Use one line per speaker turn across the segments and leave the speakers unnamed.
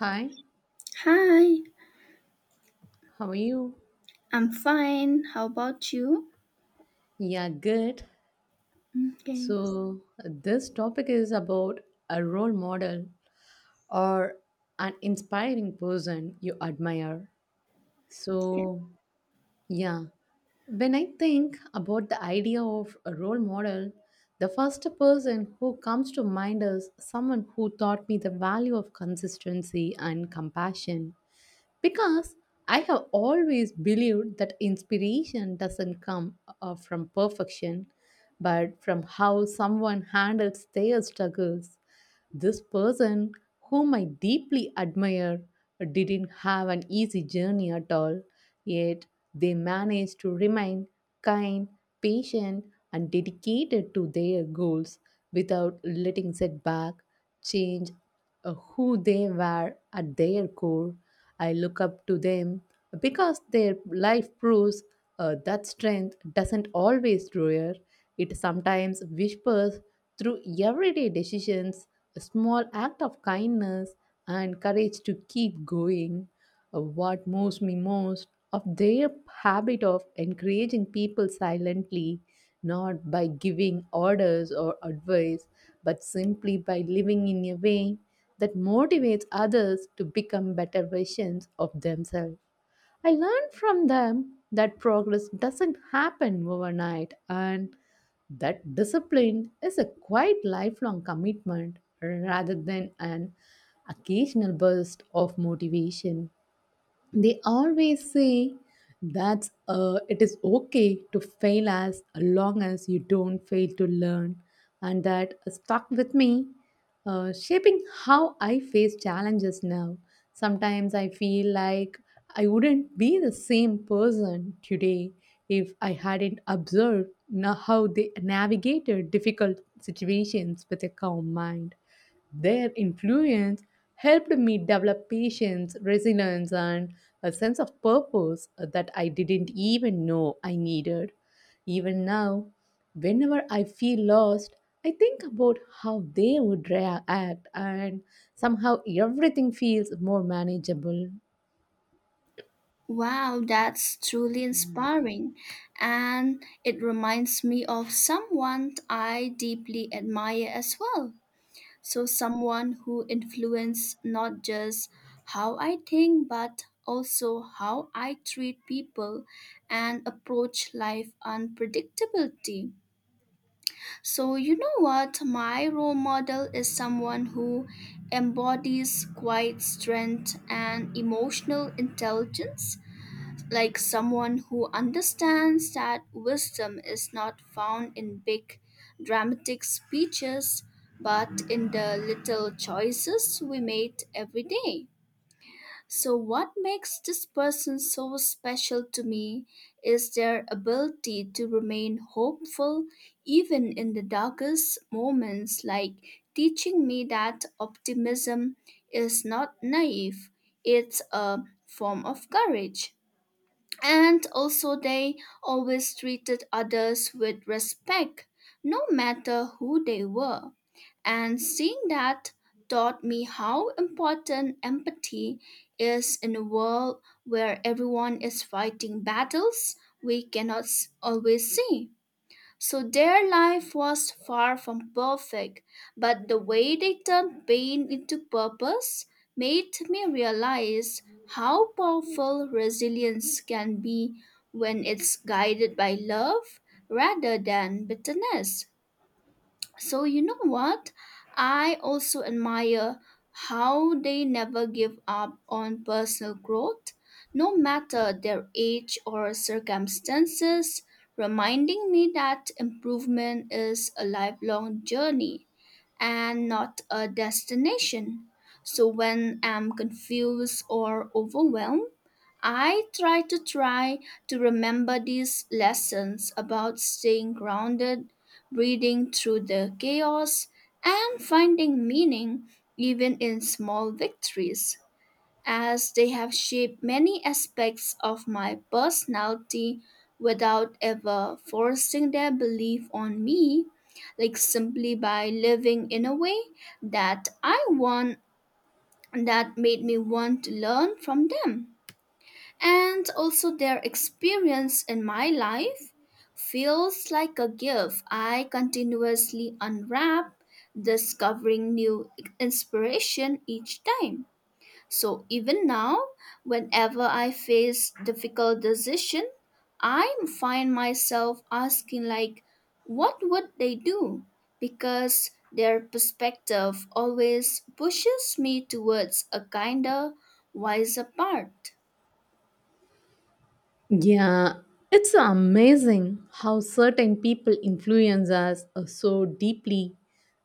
Hi,
Hi,
how are you?
I'm fine. How about you?
Yeah, good.
Okay.
So, this topic is about a role model or an inspiring person you admire. So, yeah, when I think about the idea of a role model, the first person who comes to mind is someone who taught me the value of consistency and compassion. Because I have always believed that inspiration doesn't come from perfection, but from how someone handles their struggles. This person, whom I deeply admire, didn't have an easy journey at all, yet they managed to remain kind, patient, and dedicated to their goals without letting setback change who they were at their core. I look up to them because their life proves that strength doesn't always roar, it sometimes whispers through everyday decisions, a small act of kindness, and courage to keep going. What moves me most of their habit of encouraging people silently, not by giving orders or advice, but simply by living in a way that motivates others to become better versions of themselves. I learned from them that progress doesn't happen overnight and that discipline is a quite lifelong commitment rather than an occasional burst of motivation. They always say that it is okay to fail as long as you don't fail to learn, and that stuck with me, shaping how I face challenges now. Sometimes I feel like I wouldn't be the same person today if I hadn't observed how they navigated difficult situations with a calm mind. Their influence helped me develop patience, resilience, and a sense of purpose that I didn't even know I needed. Even now, whenever I feel lost, I think about how they would react, and somehow everything feels more manageable.
Wow, that's truly inspiring. And it reminds me of someone I deeply admire as well. So, someone who influenced not just how I think, but also how I treat people and approach life unpredictability. So, you know what? My role model is someone who embodies quiet strength and emotional intelligence, like someone who understands that wisdom is not found in big dramatic speeches, but in the little choices we made every day. So, what makes this person so special to me is their ability to remain hopeful even in the darkest moments, like teaching me that optimism is not naive, it's a form of courage. And also they always treated others with respect no matter who they were, and seeing that taught me how important empathy is in a world where everyone is fighting battles we cannot always see. So their life was far from perfect, but the way they turned pain into purpose made me realize how powerful resilience can be when it's guided by love rather than bitterness. So, you know what? I also admire how they never give up on personal growth, no matter their age or circumstances, reminding me that improvement is a lifelong journey and not a destination. So, when I'm confused or overwhelmed, I try to remember these lessons about staying grounded, breathing through the chaos, and finding meaning even in small victories, as they have shaped many aspects of my personality without ever forcing their belief on me, like simply by living in a way that I want that made me want to learn from them. And also their experience in my life feels like a gift I continuously unwrap, discovering new inspiration each time. So even now, whenever I face difficult decision, I find myself asking like, what would they do? Because their perspective always pushes me towards a kinder, wiser path.
Yeah, it's amazing how certain people influence us so deeply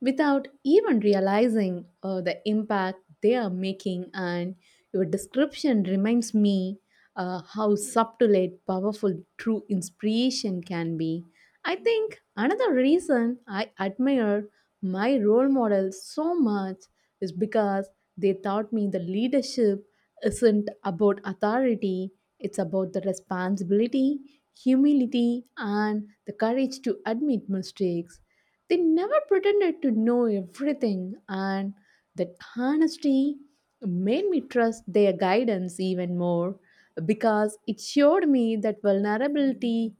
without even realizing the impact they are making. And your description reminds me how subtle and powerful true inspiration can be. I think another reason I admired my role models so much is because they taught me the leadership isn't about authority, it's about the responsibility, humility, and the courage to admit mistakes. They never pretended to know everything, and that honesty made me trust their guidance even more because it showed me that vulnerability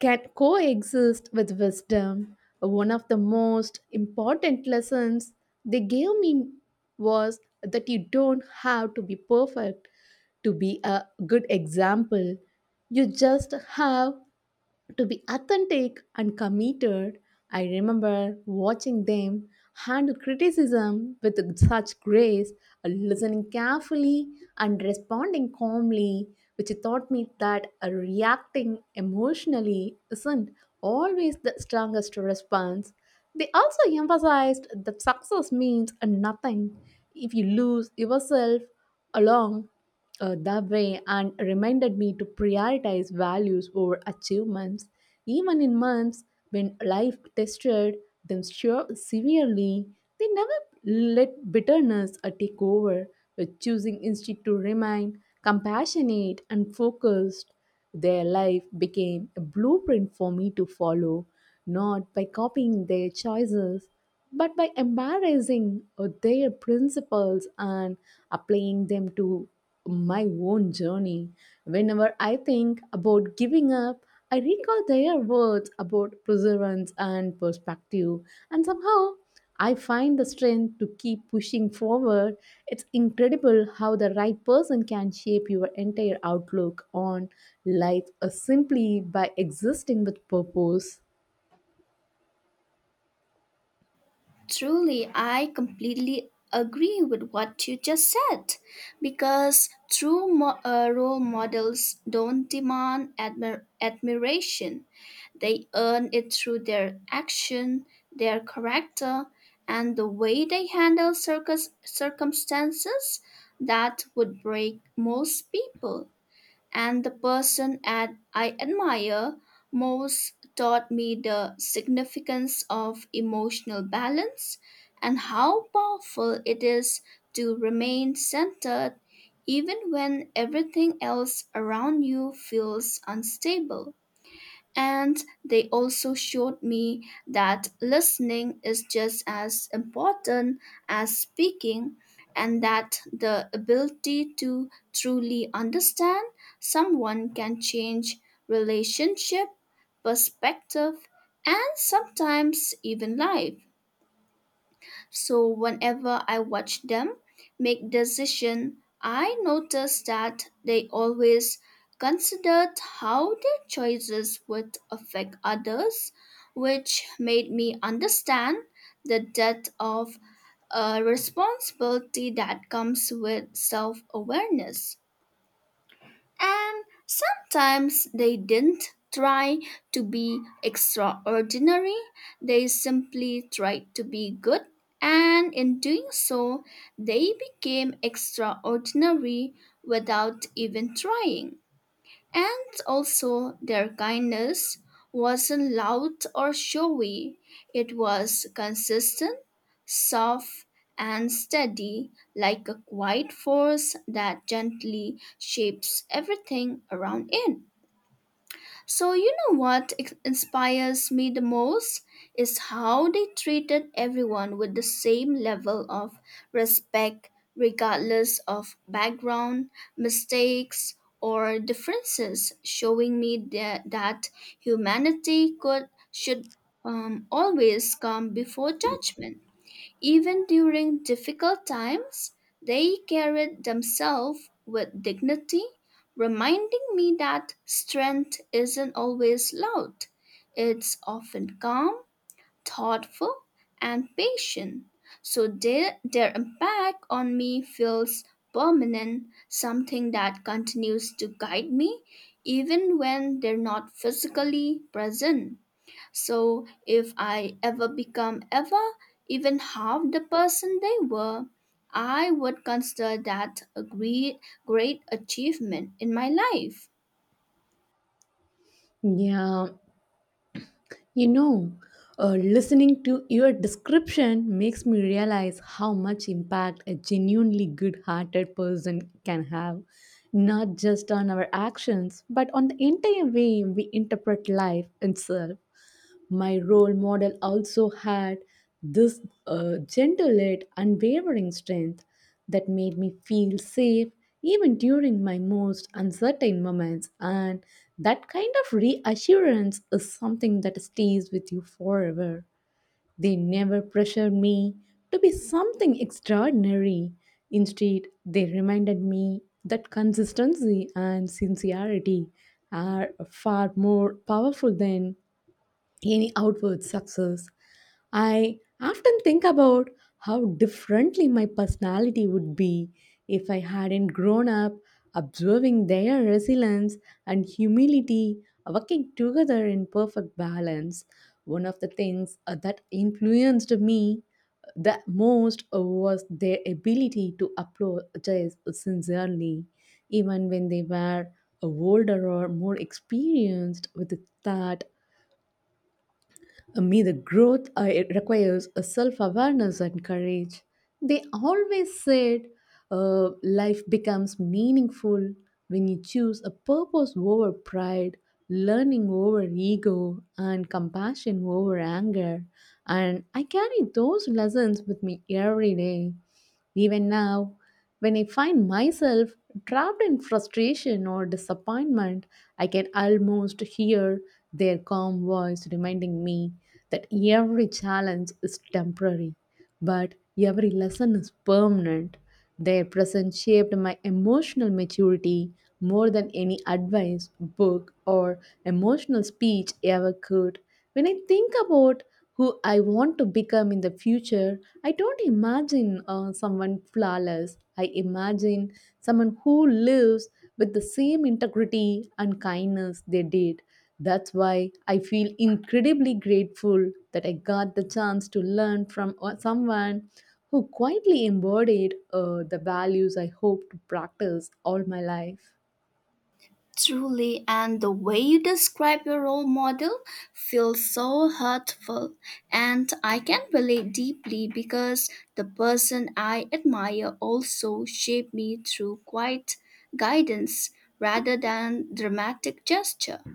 can coexist with wisdom. One of the most important lessons they gave me was that you don't have to be perfect to be a good example. You just have to be authentic and committed. I remember watching them handle criticism with such grace, listening carefully and responding calmly, which taught me that reacting emotionally isn't always the strongest response. They also emphasized that success means nothing if you lose yourself along the way, and reminded me to prioritize values over achievements, even in months when life tested them sure severely. They never let bitterness take over, but choosing instead to remain compassionate and focused. Their life became a blueprint for me to follow, not by copying their choices, but by embracing their principles and applying them to my own journey. Whenever I think about giving up, I recall their words about perseverance and perspective, and somehow I find the strength to keep pushing forward. It's incredible how the right person can shape your entire outlook on life simply by existing with purpose.
Truly, I completely agree with what you just said because true role models don't demand admiration. They earn it through their action, their character, and the way they handle circumstances that would break most people. And the person at I admire most taught me the significance of emotional balance and how powerful it is to remain centered even when everything else around you feels unstable. And they also showed me that listening is just as important as speaking, and that the ability to truly understand someone can change relationship, perspective, and sometimes even life. So whenever I watch them make decision, I notice that they always considered how their choices would affect others, which made me understand the depth of a responsibility that comes with self awareness. And sometimes they didn't try to be extraordinary, they simply tried to be good. And in doing so, they became extraordinary without even trying. And also, their kindness wasn't loud or showy, it was consistent, soft, and steady, like a quiet force that gently shapes everything around it. So, you know what inspires me the most is how they treated everyone with the same level of respect, regardless of background, mistakes, or differences, showing me that, that humanity could should always come before judgment. Even during difficult times, they carried themselves with dignity, reminding me that strength isn't always loud. It's often calm, thoughtful, and patient. So their impact on me feels permanent, something that continues to guide me even when they're not physically present. So if I ever become ever even half the person they were, I would consider that a great, great achievement in my life.
Yeah, you know, listening to your description makes me realize how much impact a genuinely good hearted person can have, not just on our actions, but on the entire way we interpret life itself. My role model also had this gentle yet unwavering strength that made me feel safe even during my most uncertain moments, and that kind of reassurance is something that stays with you forever. They never pressured me to be something extraordinary. Instead, they reminded me that consistency and sincerity are far more powerful than any outward success. I often think about how differently my personality would be if I hadn't grown up observing their resilience and humility working together in perfect balance. One of the things that influenced me the most was their ability to apologize sincerely, even when they were older or more experienced with that me, the growth it requires a self-awareness and courage. They always said, life becomes meaningful when you choose a purpose over pride, learning over ego, and compassion over anger. And I carry those lessons with me every day. Even now, when I find myself trapped in frustration or disappointment, I can almost hear their calm voice reminding me that every challenge is temporary, but every lesson is permanent. Their presence shaped my emotional maturity more than any advice, book, or emotional speech ever could. When I think about who I want to become in the future, I don't imagine someone flawless. I imagine someone who lives with the same integrity and kindness they did. That's why I feel incredibly grateful that I got the chance to learn from someone who quietly embodied the values I hope to practice all my life.
Truly, and the way you describe your role model feels so hurtful, and I can relate deeply because the person I admire also shaped me through quiet guidance rather than dramatic gesture.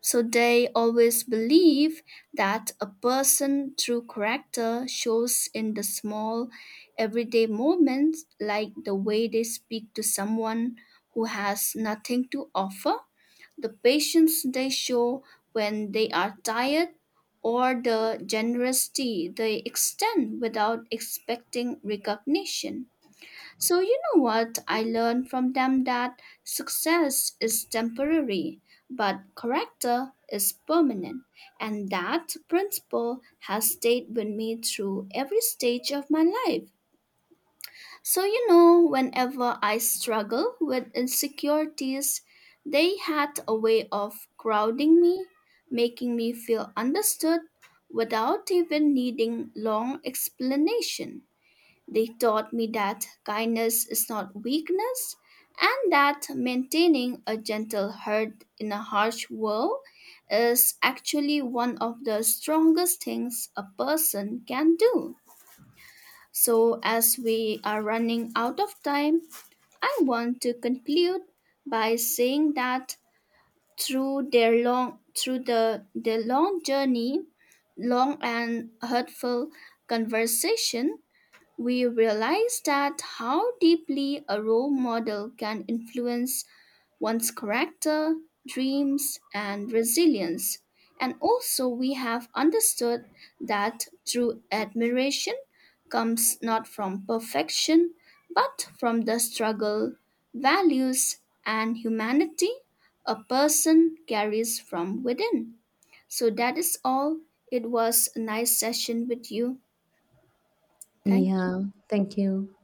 So they always believe that a person true character shows in the small everyday moments, like the way they speak to someone who has nothing to offer, the patience they show when they are tired, or the generosity they extend without expecting recognition. So, you know what? I learned from them that success is temporary, but character is permanent. And that principle has stayed with me through every stage of my life. So, you know, whenever I struggle with insecurities, they had a way of crowding me, making me feel understood without even needing long explanation. They taught me that kindness is not weakness and that maintaining a gentle heart in a harsh world is actually one of the strongest things a person can do. So, as we are running out of time, I want to conclude by saying that through the their long journey, long and hurtful conversation, we realize that how deeply a role model can influence one's character, dreams, and resilience. And also, we have understood that true admiration comes not from perfection, but from the struggle, values, and humanity a person carries from within. So, that is all. It was a nice session with you. Thank
Yeah, thank you.